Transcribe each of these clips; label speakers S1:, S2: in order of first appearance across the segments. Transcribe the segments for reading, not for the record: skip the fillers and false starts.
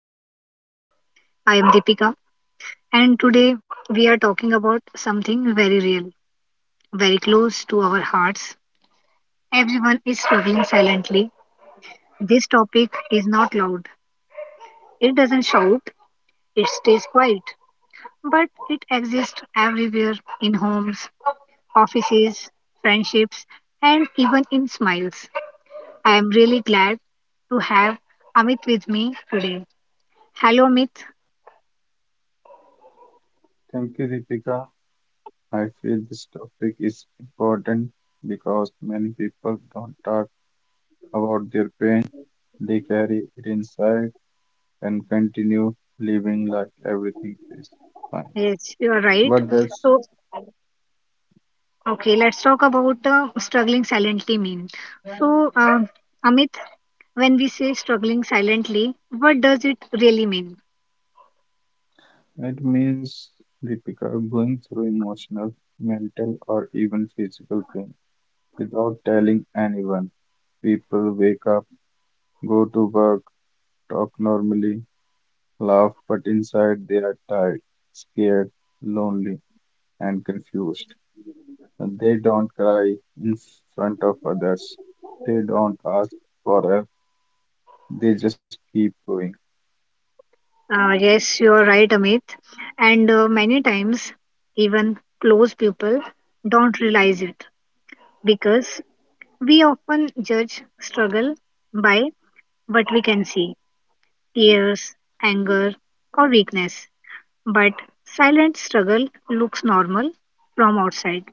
S1: podcast. I am Deepika, and today we are talking about something very real, very close to our hearts. Everyone is struggling silently. This topic is not loud, it doesn't shout, it stays quiet, but it exists everywhere in homes, offices, friendships, and even in smiles. I am really glad to have Amit with me today. Hello, Amit.
S2: Thank you, Deepika. I feel this topic is important because many people don't talk about their pain. They carry it inside and continue living like everything is fine.
S1: Yes, you are right.
S2: What does
S1: So, okay, let's talk about struggling silently mean. So, Amit, when we say struggling silently, what does it really mean?
S2: it means, Deepika, going through emotional, mental, or even physical pain without telling anyone? People wake up, go to work, talk normally, laugh, but inside they are tired, scared, lonely and confused. They don't cry in front of others. They don't ask for help. They just keep going.
S1: Yes, you are right, Amit. And many times, even close people don't realize it because we often judge struggle by what we can see: tears, anger, or weakness. But silent struggle looks normal from outside.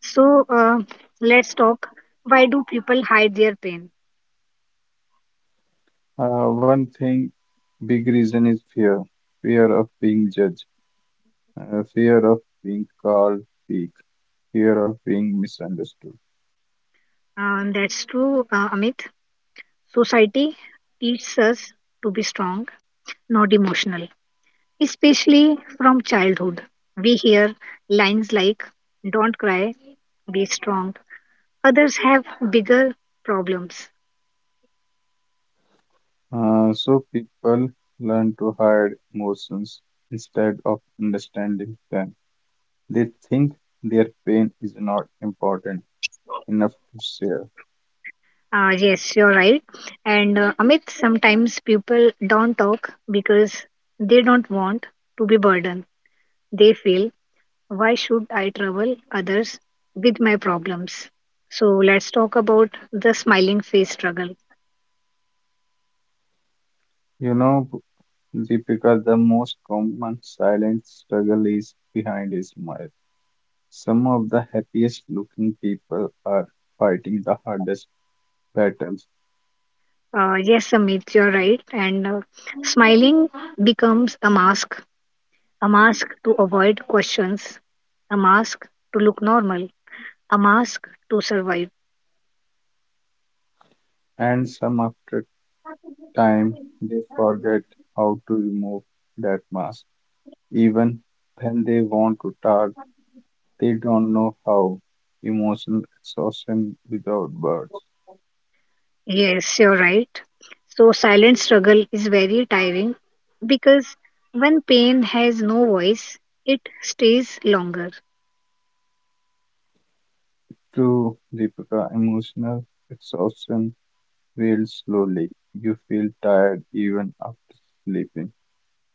S1: So let's talk. Why do people hide their pain?
S2: Uh, one thing, Big reason is fear. Fear of being judged. Fear of being called weak. Fear of being misunderstood.
S1: That's true, Amit. Society teaches us to be strong, not emotional, especially from childhood. We hear lines like, don't cry, be strong. Others have bigger problems.
S2: So people learn to hide emotions instead of understanding them. They think their pain is not important enough to share.
S1: Yes, you're right. And Amit, sometimes people don't talk because they don't want to be burdened. They feel, why should I trouble others with my problems? So let's talk about the smiling face struggle.
S2: You know, The the most common silent struggle is behind a smile. Some of the happiest looking people are fighting the hardest battles,
S1: Yes, Amit, you're right. And smiling becomes a mask to avoid questions, a mask to look normal, a mask to survive.
S2: and some after time they forget how to remove that mask. Even when they want to talk, they don't know how. Emotional exhaustion without words.
S1: Yes, you're right. So silent struggle is very tiring because when pain has no voice, it stays longer.
S2: True, Deepika, emotional exhaustion builds slowly. You feel tired even after sleeping.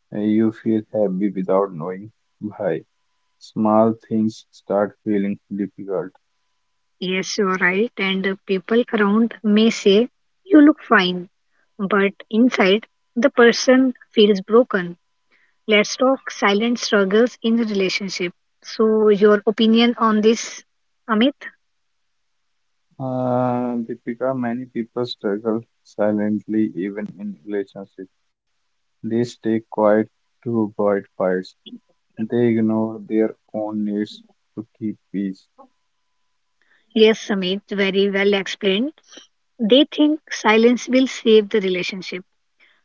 S2: You feel happy without knowing why. Small things start feeling difficult.
S1: Yes, you're right. And the people around may say, you look fine. But inside, the person feels broken. Let's talk silent struggles in the relationship. So, your opinion on this, Amit?
S2: Deepika, many people struggle silently even in relationships. They stay quiet to avoid fights. They ignore their own needs to keep peace.
S1: Yes, Amit, very well explained. They think silence will save the relationship,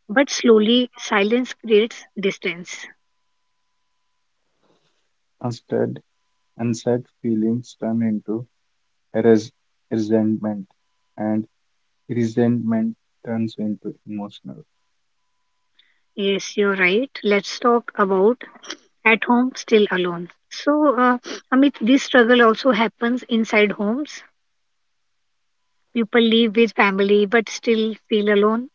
S1: but slowly silence creates distance.
S2: Instead, unsaid feelings turn into res- resentment, and resentment turns into emotional.
S1: Yes, you're right. Let's talk about at home still alone. So, Amit, this struggle also happens inside homes. People live with family but still feel alone.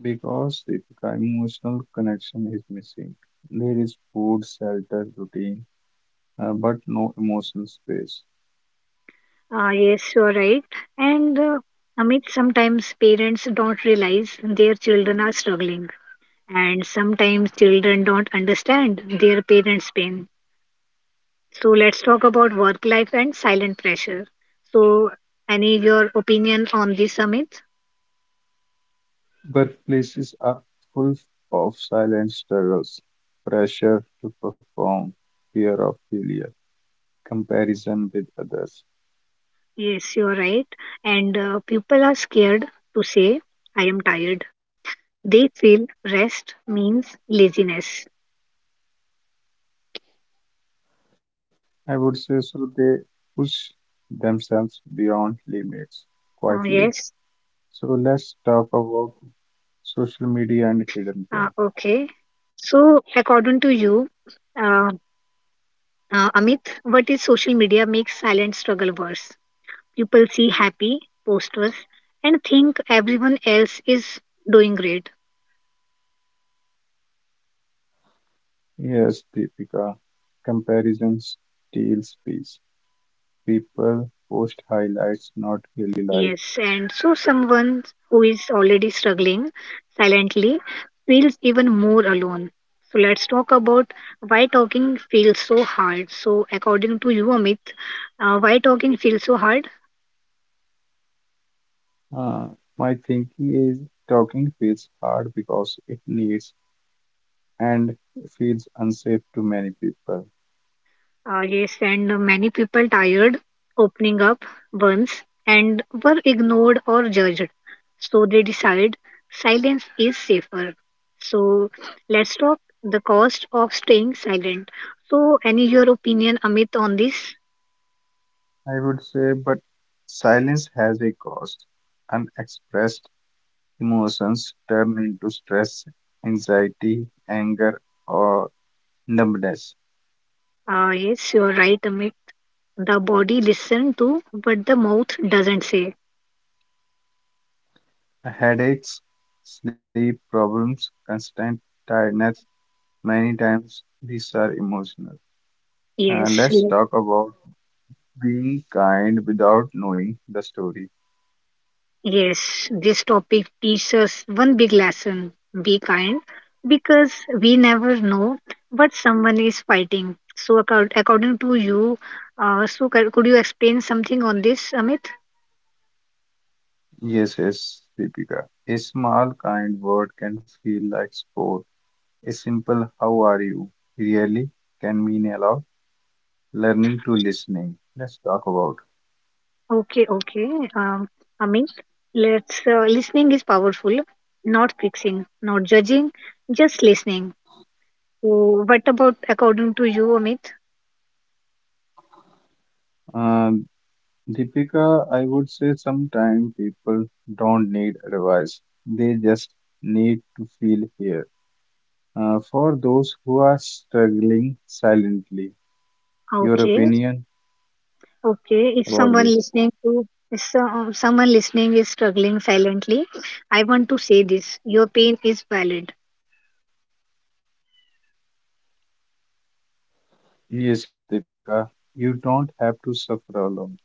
S2: Because if the emotional connection is missing. There is food, shelter, routine, but no emotional space.
S1: Yes, you're right. And Amit, sometimes parents don't realize their children are struggling, and sometimes children don't understand their parents' pain. So, let's talk about work life and silent pressure. So, any your opinion on this, Amit?
S2: Workplaces are full of silent struggles, pressure to perform, fear of failure, comparison with others.
S1: Yes, you're right. And people are scared to say, I am tired. They feel rest means laziness.
S2: I would say so they push themselves beyond limits quietly. So
S1: Yes,
S2: let's talk about social media and hidden pain.
S1: okay. So, according to you, uh, Amit, what is social media makes silent struggle worse? People see happy posters and think everyone else is doing great.
S2: Yes, Deepika. Comparisons steal space. People post highlights, not daily life.
S1: Yes, and so someone who is already struggling silently feels even more alone. So let's talk about why talking feels so hard. So according to you, Amit, why talking feels so hard?
S2: Uh, my thinking is talking feels hard because it needs and feels unsafe to many people.
S1: Yes, and many people tired opening up once and were ignored or judged. So they decide silence is safer. So let's talk the cost of staying silent. So, any your opinion, Amit, on this?
S2: I would say, but silence has a cost. Unexpressed emotions turn into stress, anxiety, anger, or numbness.
S1: Ah, yes, you're right, Amit. The body listen to but the mouth doesn't say.
S2: Headaches, sleep problems, constant tiredness. Many times these are emotional.
S1: Yes,
S2: Let's talk about being kind without knowing the story.
S1: yes. This topic teaches us one big lesson: be kind, because we never know what someone is fighting. So, according to you, could you explain something on this, Amit?
S2: Yes, yes, Deepika. A small kind word can feel like sport. A simple "How are you?" really can mean a lot. Learning to listening. Let's talk about.
S1: Okay, okay. Um, Amit, let's. Listening is powerful. Not fixing, not judging, just listening. So, what about according to you, Amit?
S2: Uh, Deepika, I would say sometimes people don't need advice. They just need to feel here. For those who are struggling silently. Your
S1: Okay,
S2: opinion
S1: okay. If someone
S2: about
S1: listening
S2: this.
S1: to if so- uh, someone listening is struggling silently, I want to say this. Your pain is valid.
S2: Yes, yes, Deepika, you don't have to suffer alone.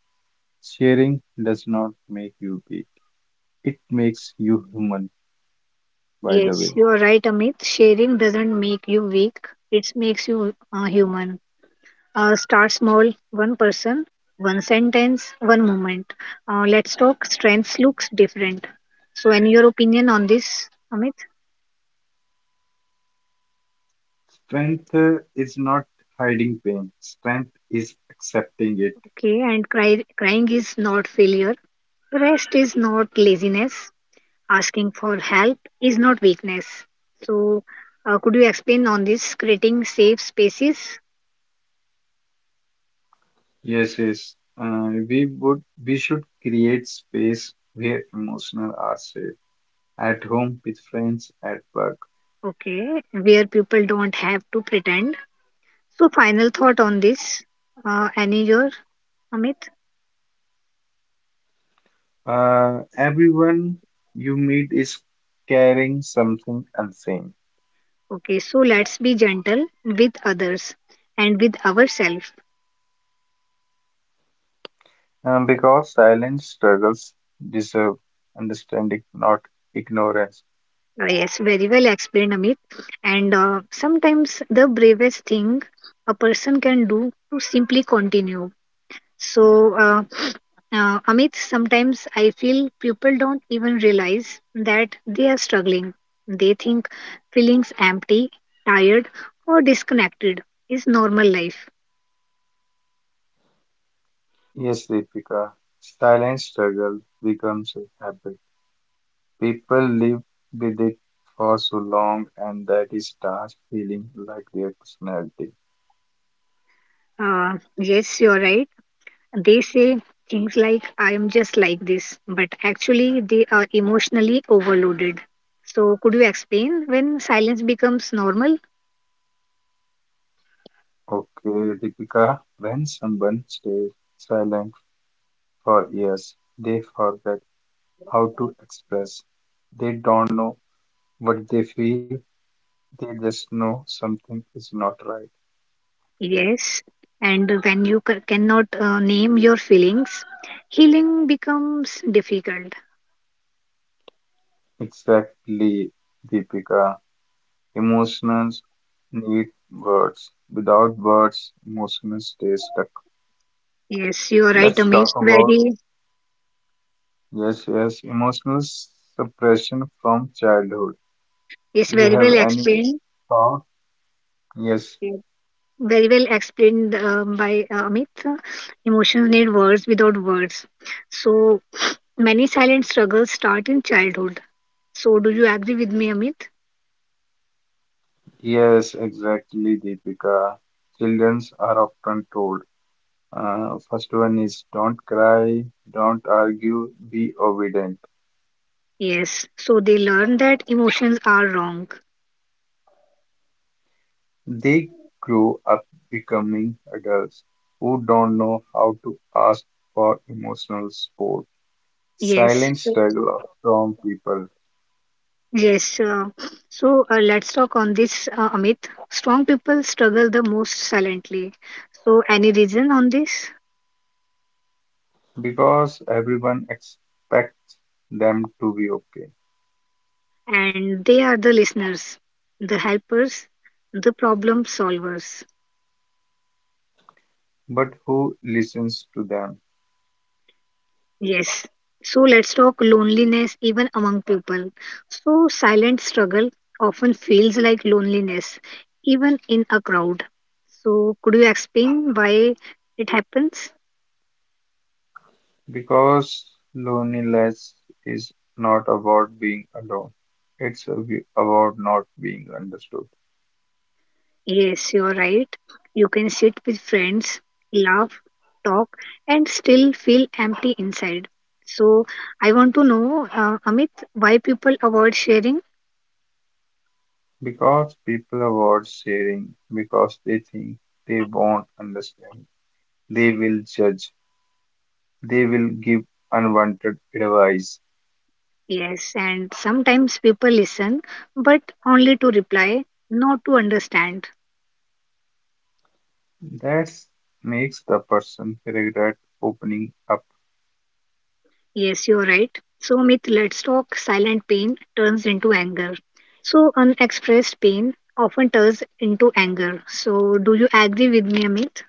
S2: Sharing does not make you weak, it makes you human, by the
S1: Yes, you
S2: way.
S1: are right, Amit. Sharing doesn't make you weak. It makes you human. Start small. One person, one sentence, one moment. Let's talk. Strengths looks different. So, any your opinion on this, Amit?
S2: Strength is not hiding pain, strength is accepting it.
S1: Okay, and crying is not failure. Rest is not laziness. Asking for help is not weakness. So, could you explain on this creating safe spaces?
S2: Yes, yes. We would we should create space where emotional are safe at home with friends at work.
S1: Okay, where people don't have to pretend. So, final thought on this, any your Amit?
S2: Everyone you meet is carrying something unseen.
S1: Okay, so let's be gentle with others and with ourselves.
S2: Because silent struggles deserve understanding, not ignorance.
S1: Yes, very well explained, Amit. And sometimes the bravest thing a person can do to simply continue. So, Amit, sometimes I feel people don't even realize that they are struggling. They think feelings empty, tired, or disconnected is normal life.
S2: Yes, Deepika, silent struggle becomes a habit. People live with it for so long and that it starts feeling like their personality.
S1: Yes, you're right. They say things like, I am just like this, but actually, they are emotionally overloaded. So, could you explain when silence becomes normal?
S2: Okay, Deepika, when someone stays silent for years, they forget how to express. They don't know what they feel, they just know something is not right.
S1: Yes. And when you cannot name your feelings, healing becomes difficult.
S2: Exactly, Deepika. Emotions need words. Without words, emotions stay stuck.
S1: Yes, you are right,
S2: Let's
S1: Amish.
S2: talk about, yes, yes, emotional suppression from childhood.
S1: Yes,
S2: You
S1: very well
S2: have any
S1: explained.
S2: thought? Yes,
S1: Yes. Very well explained by Amit. Emotions need words without words. So many silent struggles start in childhood. So do you agree with me, Amit?
S2: yes, exactly, Deepika. Childrens are often told. First one is don't cry, don't argue, be obedient.
S1: Yes. So they learn that emotions are wrong.
S2: They grow up becoming adults who don't know how to ask for emotional support.
S1: Yes.
S2: Silent struggle from people
S1: Yes. So let's talk on this, Amit. Strong people struggle the most silently. So any reason on this?
S2: because everyone expects them to be okay.
S1: And they are the listeners, the helpers, the problem solvers.
S2: But who listens to them?
S1: Yes. So let's talk loneliness even among people. So silent struggle often feels like loneliness, even in a crowd. So could you explain why it happens?
S2: Because loneliness is not about being alone. It's about not being understood.
S1: Yes, you're right. You can sit with friends, laugh, talk, and still feel empty inside. So I want to know, Amit, why people avoid sharing.
S2: Because people avoid sharing because they think they won't understand. They will judge. They will give unwanted advice.
S1: Yes, and sometimes people listen, but only to reply, not to understand.
S2: That makes the person regret opening up.
S1: Yes, you're right. So, myth, let's talk silent pain turns into anger. So, unexpressed pain often turns into anger. So, do you agree with me, Amit?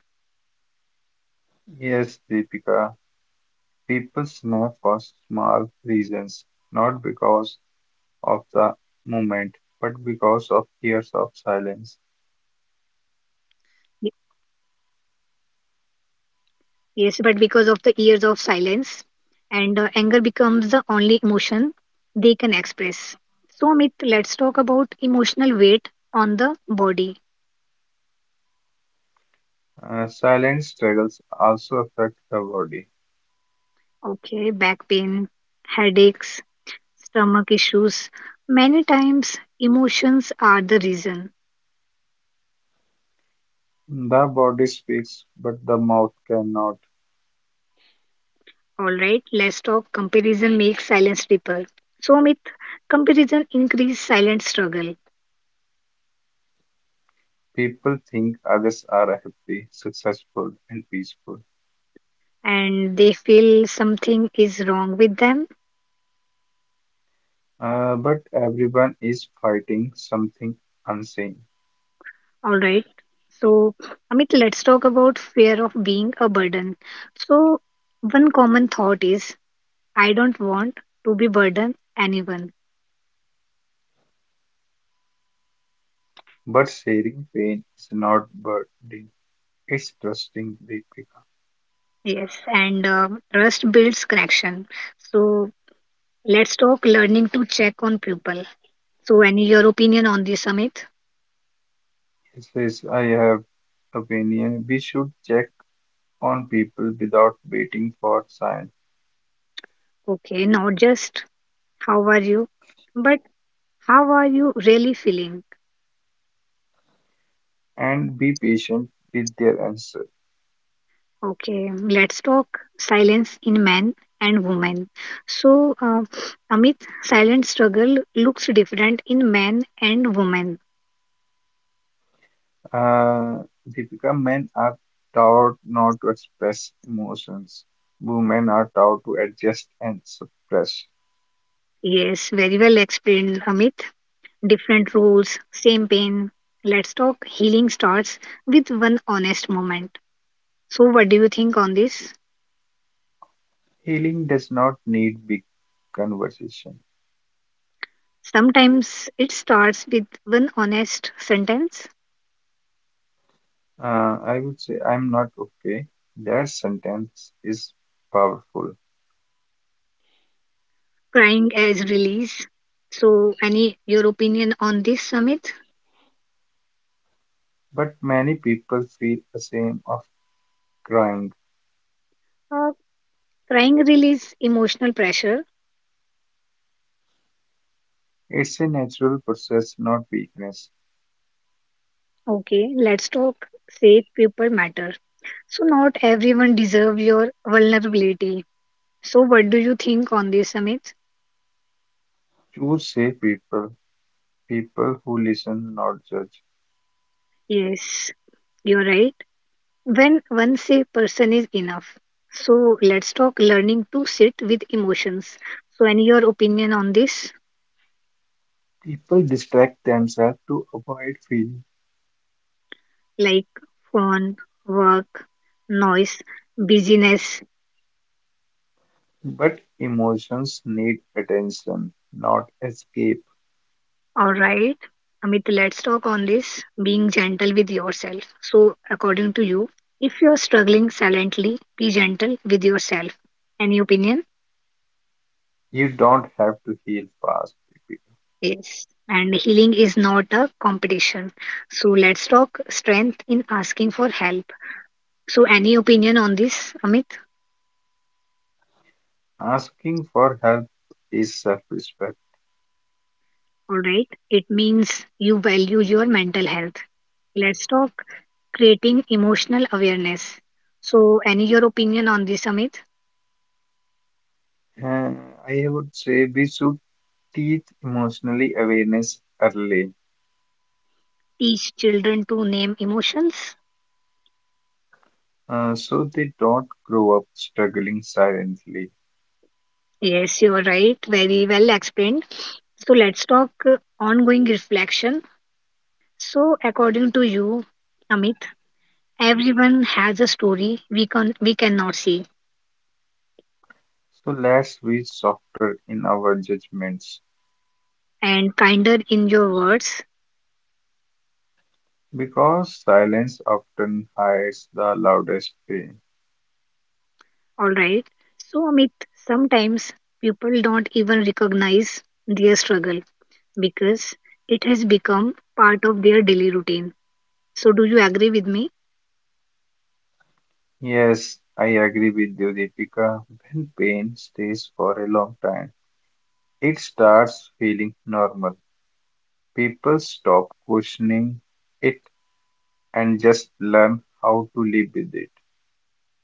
S2: Yes, Deepika, people snap for small reasons, not because of the moment, but because of years of silence.
S1: Y- Yes, but because of the years of silence, and anger becomes the only emotion they can express. So, Amit, let's talk about emotional weight on the body.
S2: Silent struggles also affect the body.
S1: Okay, back pain, headaches, stomach issues. Many times, emotions are the reason.
S2: The body speaks, but the mouth cannot.
S1: All right, let's talk comparison makes silence deeper. So, Amit, comparison increase silent struggle
S2: People think others are happy, successful, and peaceful.
S1: and they feel something is wrong with them.
S2: But everyone is fighting something unseen.
S1: All right. So, Amit, let's talk about fear of being a burden. So, one common thought is, I don't want to be burden anyone.
S2: But sharing pain is not burdening, it's trusting the become.
S1: Yes, and trust builds connection. So, let's talk learning to check on people. So, any your opinion on this, Amit?
S2: He says, I have opinion. We should check on people without waiting for signs
S1: Okay, not just how are you, but how are you really feeling?
S2: and be patient with their answer.
S1: Okay, let's talk silence in men and women. So, Amit, silent struggle looks different in men and women.
S2: Uh, Deepika, men are taught not to express emotions. Women are taught to adjust and suppress.
S1: Yes, very well explained, Amit. Different roles, same pain. Let's talk healing starts with one honest moment. So, what do you think on this?
S2: Healing does not need big conversation.
S1: Sometimes it starts with one honest sentence,
S2: I would say I'm not okay. That sentence is powerful,
S1: crying as release. So, any your opinion on this, Samit?
S2: but many people feel ashamed of crying.
S1: Uh, crying release emotional pressure.
S2: It's a natural process, not weakness.
S1: Okay, let's talk. Safe people matter. So, not everyone deserve your vulnerability. So, what do you think on this, Samit?
S2: Choose safe people, people who listen, not judge.
S1: Yes, you're right. When one safe person is enough. So, let's talk learning to sit with emotions. So, any your opinion on this?
S2: People distract themselves to avoid feeling,
S1: Like phone, work, noise, busyness.
S2: but emotions need attention, not escape.
S1: All right. Amit, let's talk on this being gentle with yourself. So, according to you, if you're struggling silently, be gentle with yourself. Any opinion?
S2: You don't have to heal fast.
S1: Yes. And healing is not a competition. So, let's talk strength in asking for help. So, any opinion on this, Amit?
S2: Asking for help is self-respect.
S1: All right. It means you value your mental health. Let's talk creating emotional awareness. So, any your opinion on this, Amit?
S2: Uh, I would say we should teach emotionally awareness early
S1: Teach children to name emotions.
S2: so they don't grow up struggling silently.
S1: Yes, you are right. Very well explained. So, let's talk ongoing reflection. So, according to you, Amit, everyone has a story we cannot see,
S2: So let's be softer in our judgments
S1: and kinder in your words.
S2: because silence often hides the loudest pain.
S1: All right. So, Amit, sometimes people don't even recognize their struggle because it has become part of their daily routine. So, do you agree with me?
S2: Yes, I agree with you, Deepika. When pain stays for a long time, it starts feeling normal. People stop questioning it and just learn how to live with it.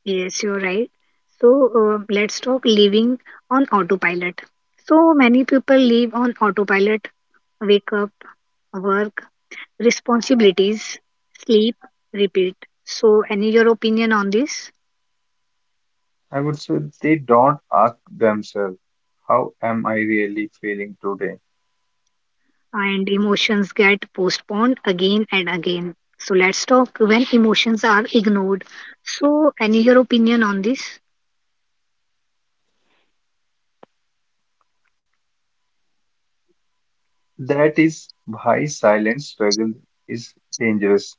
S1: Yes, you're right. So, let's talk living on autopilot. So, many people live on autopilot, wake up, work, responsibilities, sleep, repeat. So, any your opinion on this?
S2: I would say they don't ask themselves, how am I really feeling today?
S1: And emotions get postponed again and again. So, let's talk when emotions are ignored. So, any your opinion on this?
S2: That is why silent struggle is dangerous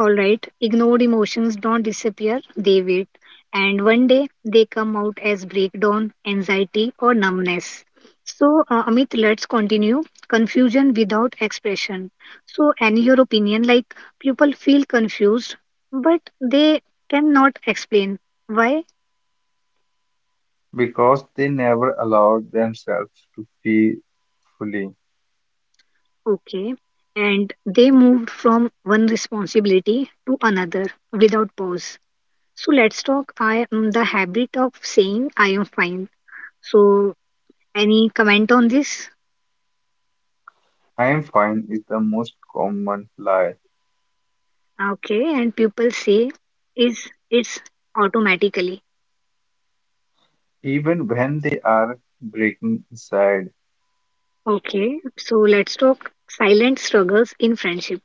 S1: All right, ignored emotions don't disappear, they wait. And one day they come out as breakdown, anxiety, or numbness. So, Amit, let's continue. Confusion without expression. So, in your opinion, like people feel confused, but they cannot explain why.
S2: because they never allowed themselves to feel fully.
S1: Okay. And they moved from one responsibility to another without pause. So, let's talk the habit of saying I am fine. So, any comment on this?
S2: I am fine is the most common lie.
S1: Okay, and people say is it's automatically.
S2: Even when they are breaking aside,
S1: Okay, so let's talk silent struggles in friendship.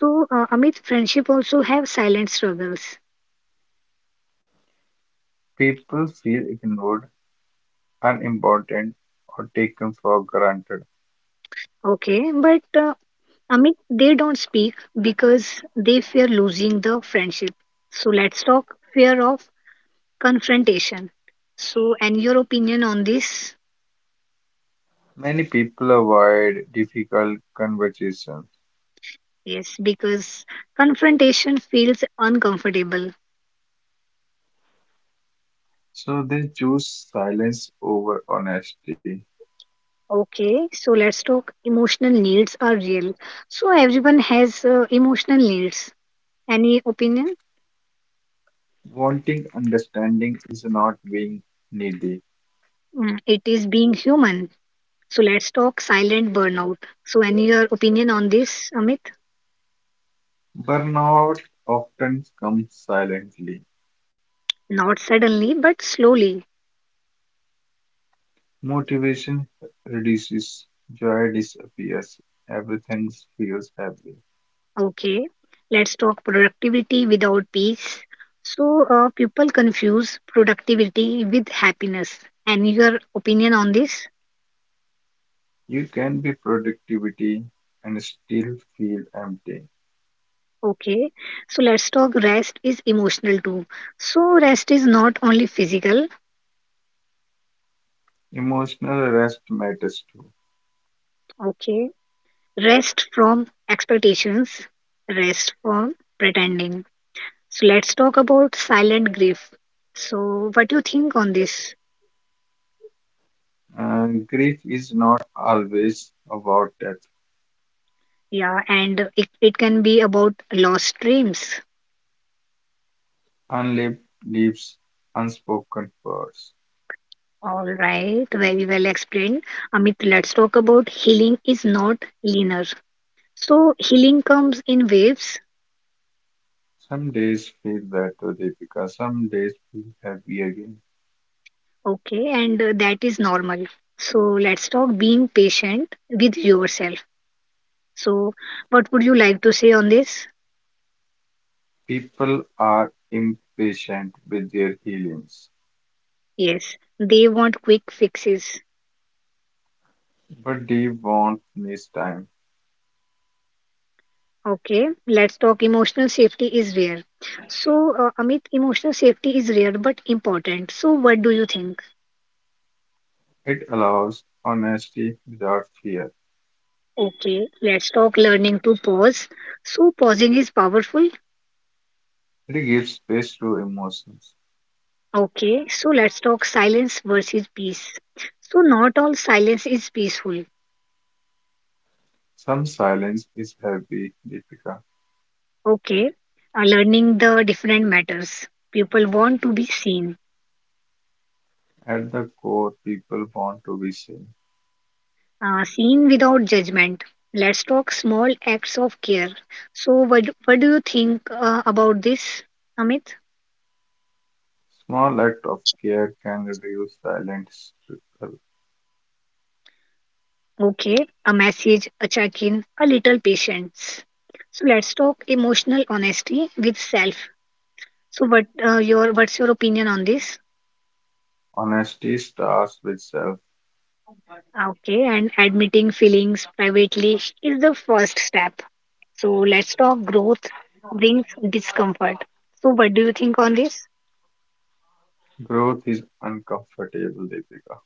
S1: So Amit, friendship also have silent struggles.
S2: people feel ignored, unimportant, or taken for granted.
S1: Okay, but Amit, they don't speak because they fear losing the friendship. So let's talk fear of confrontation. So and your opinion on this?
S2: Many people avoid difficult conversations.
S1: Yes, because confrontation feels uncomfortable.
S2: So they choose silence over honesty.
S1: Okay, so let's talk emotional needs are real. So everyone has emotional needs. Any opinion?
S2: Wanting understanding is not being needy.
S1: Mm, it is being human. So let's talk silent burnout. So any your opinion on this, Amit?
S2: Burnout often comes silently.
S1: Not suddenly, but slowly.
S2: Motivation reduces, joy disappears, everything feels heavy.
S1: Okay. Let's talk productivity without peace. So people confuse productivity with happiness. Any your opinion on this?
S2: You can be productivity and still feel empty.
S1: Okay, so let's talk rest is emotional too. So, rest is not only physical,
S2: Emotional rest matters too.
S1: okay, rest from expectations, rest from pretending. So, let's talk about silent grief. So, what do you think on this?
S2: And grief is not always about death.
S1: Yeah, and it can be about lost dreams.
S2: Unlived leaves unspoken words.
S1: All right, very well explained. Amit, let's talk about healing is not linear. So, healing comes in waves.
S2: Some days feel better, Deepika. Some days feel happy again.
S1: Okay, and that is normal. So let's talk being patient with yourself. So, what would you like to say on this?
S2: People are impatient with their feelings,
S1: Yes, they want quick fixes.
S2: but they want this time.
S1: Okay, let's talk emotional safety is rare. So, Amit, emotional safety is rare but important. So, what do you think?
S2: It allows honesty without fear.
S1: Okay, let's talk learning to pause. So, pausing is powerful.
S2: It gives space to emotions.
S1: Okay, so let's talk silence versus peace. So, not all silence is peaceful.
S2: Some silence is happy, Deepika.
S1: Okay, learning the different matters. People want to be seen,
S2: At the core, people want to be seen.
S1: seen without judgment. Let's talk small acts of care. So, what do you think about this, Amit?
S2: Small act of care can reduce silent struggle.
S1: Okay, a message, a check in, a little patience. So, let's talk emotional honesty with self. So, what your what's your opinion on this?
S2: Honesty starts with self.
S1: Okay, and admitting feelings privately is the first step. So let's talk growth brings discomfort. So what do you think on this?
S2: Growth is uncomfortable, Deepika.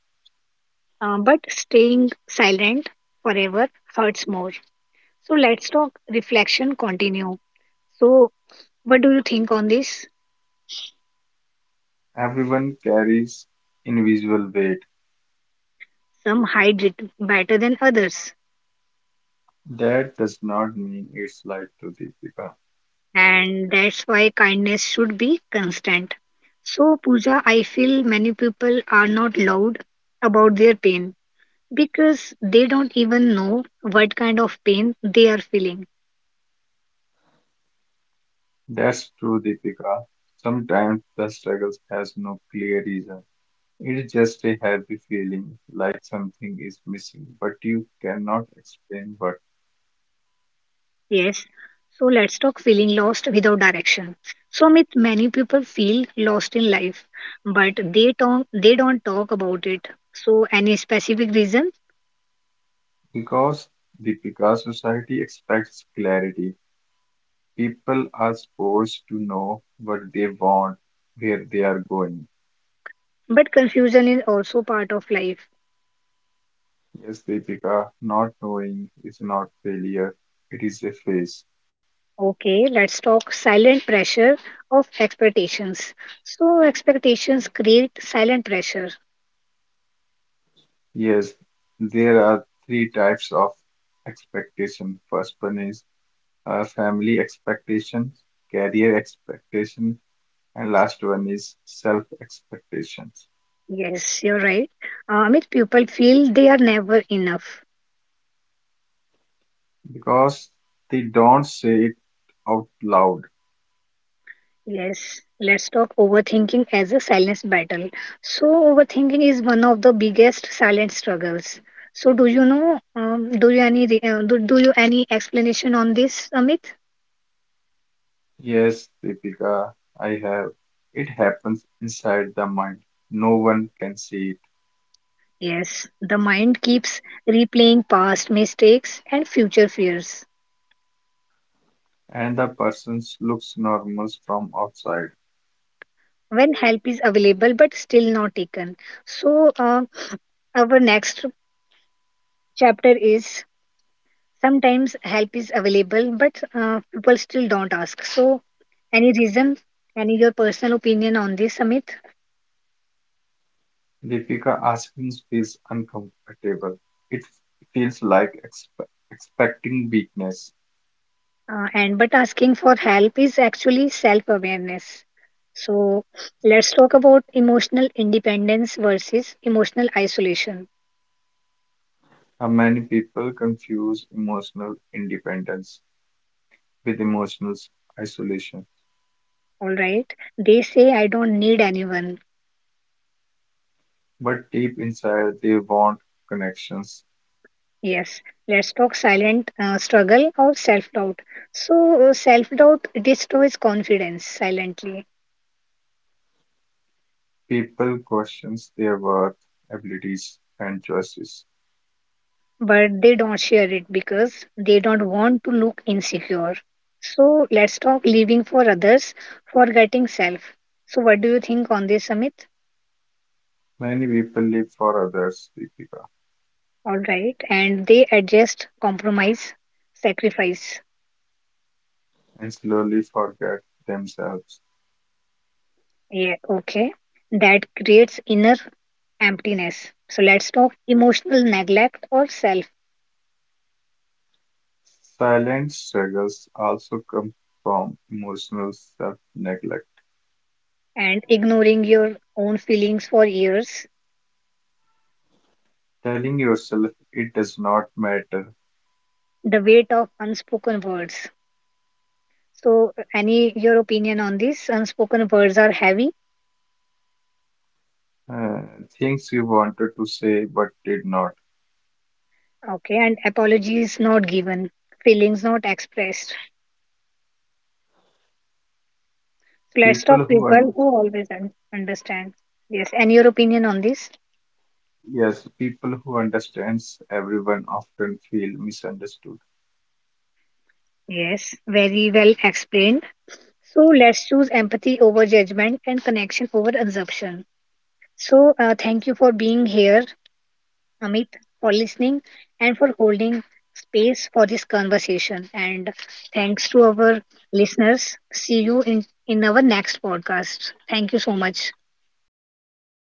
S1: But staying silent forever hurts more. So let's talk reflection continue. So what do you think on this?
S2: Everyone carries invisible weight.
S1: Some hide it better than others,
S2: That does not mean it's light to Deepika.
S1: and that's why kindness should be constant. So Pooja, I feel many people are not loud about their pain because they don't even know what kind of pain they are feeling.
S2: That's true, Deepika. Sometimes the struggles has no clear reason. It's just a heavy feeling, like something is missing, but you cannot explain what.
S1: Yes, so let's talk feeling lost without direction. So Amit, many people feel lost in life, but they don't talk about it. So any specific reason?
S2: Because Deepika, society expects clarity. People are supposed to know what they want, where they are going.
S1: But confusion is also part of life.
S2: Yes, Deepika, not knowing is not failure. It is a phase.
S1: Okay, let's talk silent pressure of expectations. So expectations create silent pressure.
S2: Yes, there are three types of expectation. First one is family expectations, career expectation, and last one is self expectations.
S1: Yes, you're right. Amit, people feel they are never enough.
S2: Because they don't say it out loud.
S1: Yes, let's talk overthinking as a silence battle. So, overthinking is one of the biggest silent struggles. So, do you know? Do you any do you any explanation on this, Amit?
S2: Yes, Deepika, I have. It happens inside the mind. No one can see
S1: Yes, the mind keeps replaying past mistakes and future fears
S2: it, and the person looks normal from outside.
S1: when help is available but still not taken. So, our next chapter is. Sometimes help is available, but people still don't ask. So, any reason, any your personal opinion on this, Amit?
S2: Deepika Asmin's feels uncomfortable. It feels like expecting weakness.
S1: And But asking for help is actually self awareness. So, let's talk about emotional independence versus emotional isolation.
S2: How many people confuse emotional independence with emotional isolation?
S1: All right, they say I don't need anyone.
S2: But deep inside, they want connections.
S1: Yes, let's talk silent struggle or self doubt. So, self doubt destroys confidence silently,
S2: People question their worth, abilities, and choices.
S1: but they don't share it because they don't want to look insecure. So let's talk living for others, forgetting self. So, what do you think on this, Amit?
S2: Many people live for others, Deepika,
S1: All right, and they adjust, compromise, sacrifice.
S2: and slowly forget themselves.
S1: Yeah, okay. That creates inner emptiness. So, let's talk emotional neglect or self,
S2: Silent struggles also come from emotional self neglect.
S1: and ignoring your own feelings for years,
S2: Telling yourself it does not matter.
S1: the weight of unspoken words. So, any your opinion on this? Unspoken words are heavy.
S2: Uh, Things you wanted to say but did not.
S1: Okay, and apologies not given, feelings not expressed. So let's
S2: People
S1: talk
S2: who
S1: people
S2: un
S1: who always understand. Yes, and your opinion on this?
S2: yes, people who understands everyone often feel misunderstood.
S1: Yes, very well explained. So let's choose empathy over judgment and connection over assumption. So thank you for being here, Amit, for listening and for holding space for this conversation. And thanks to our listeners. See you in our next podcast. Thank you so much.
S2: Thank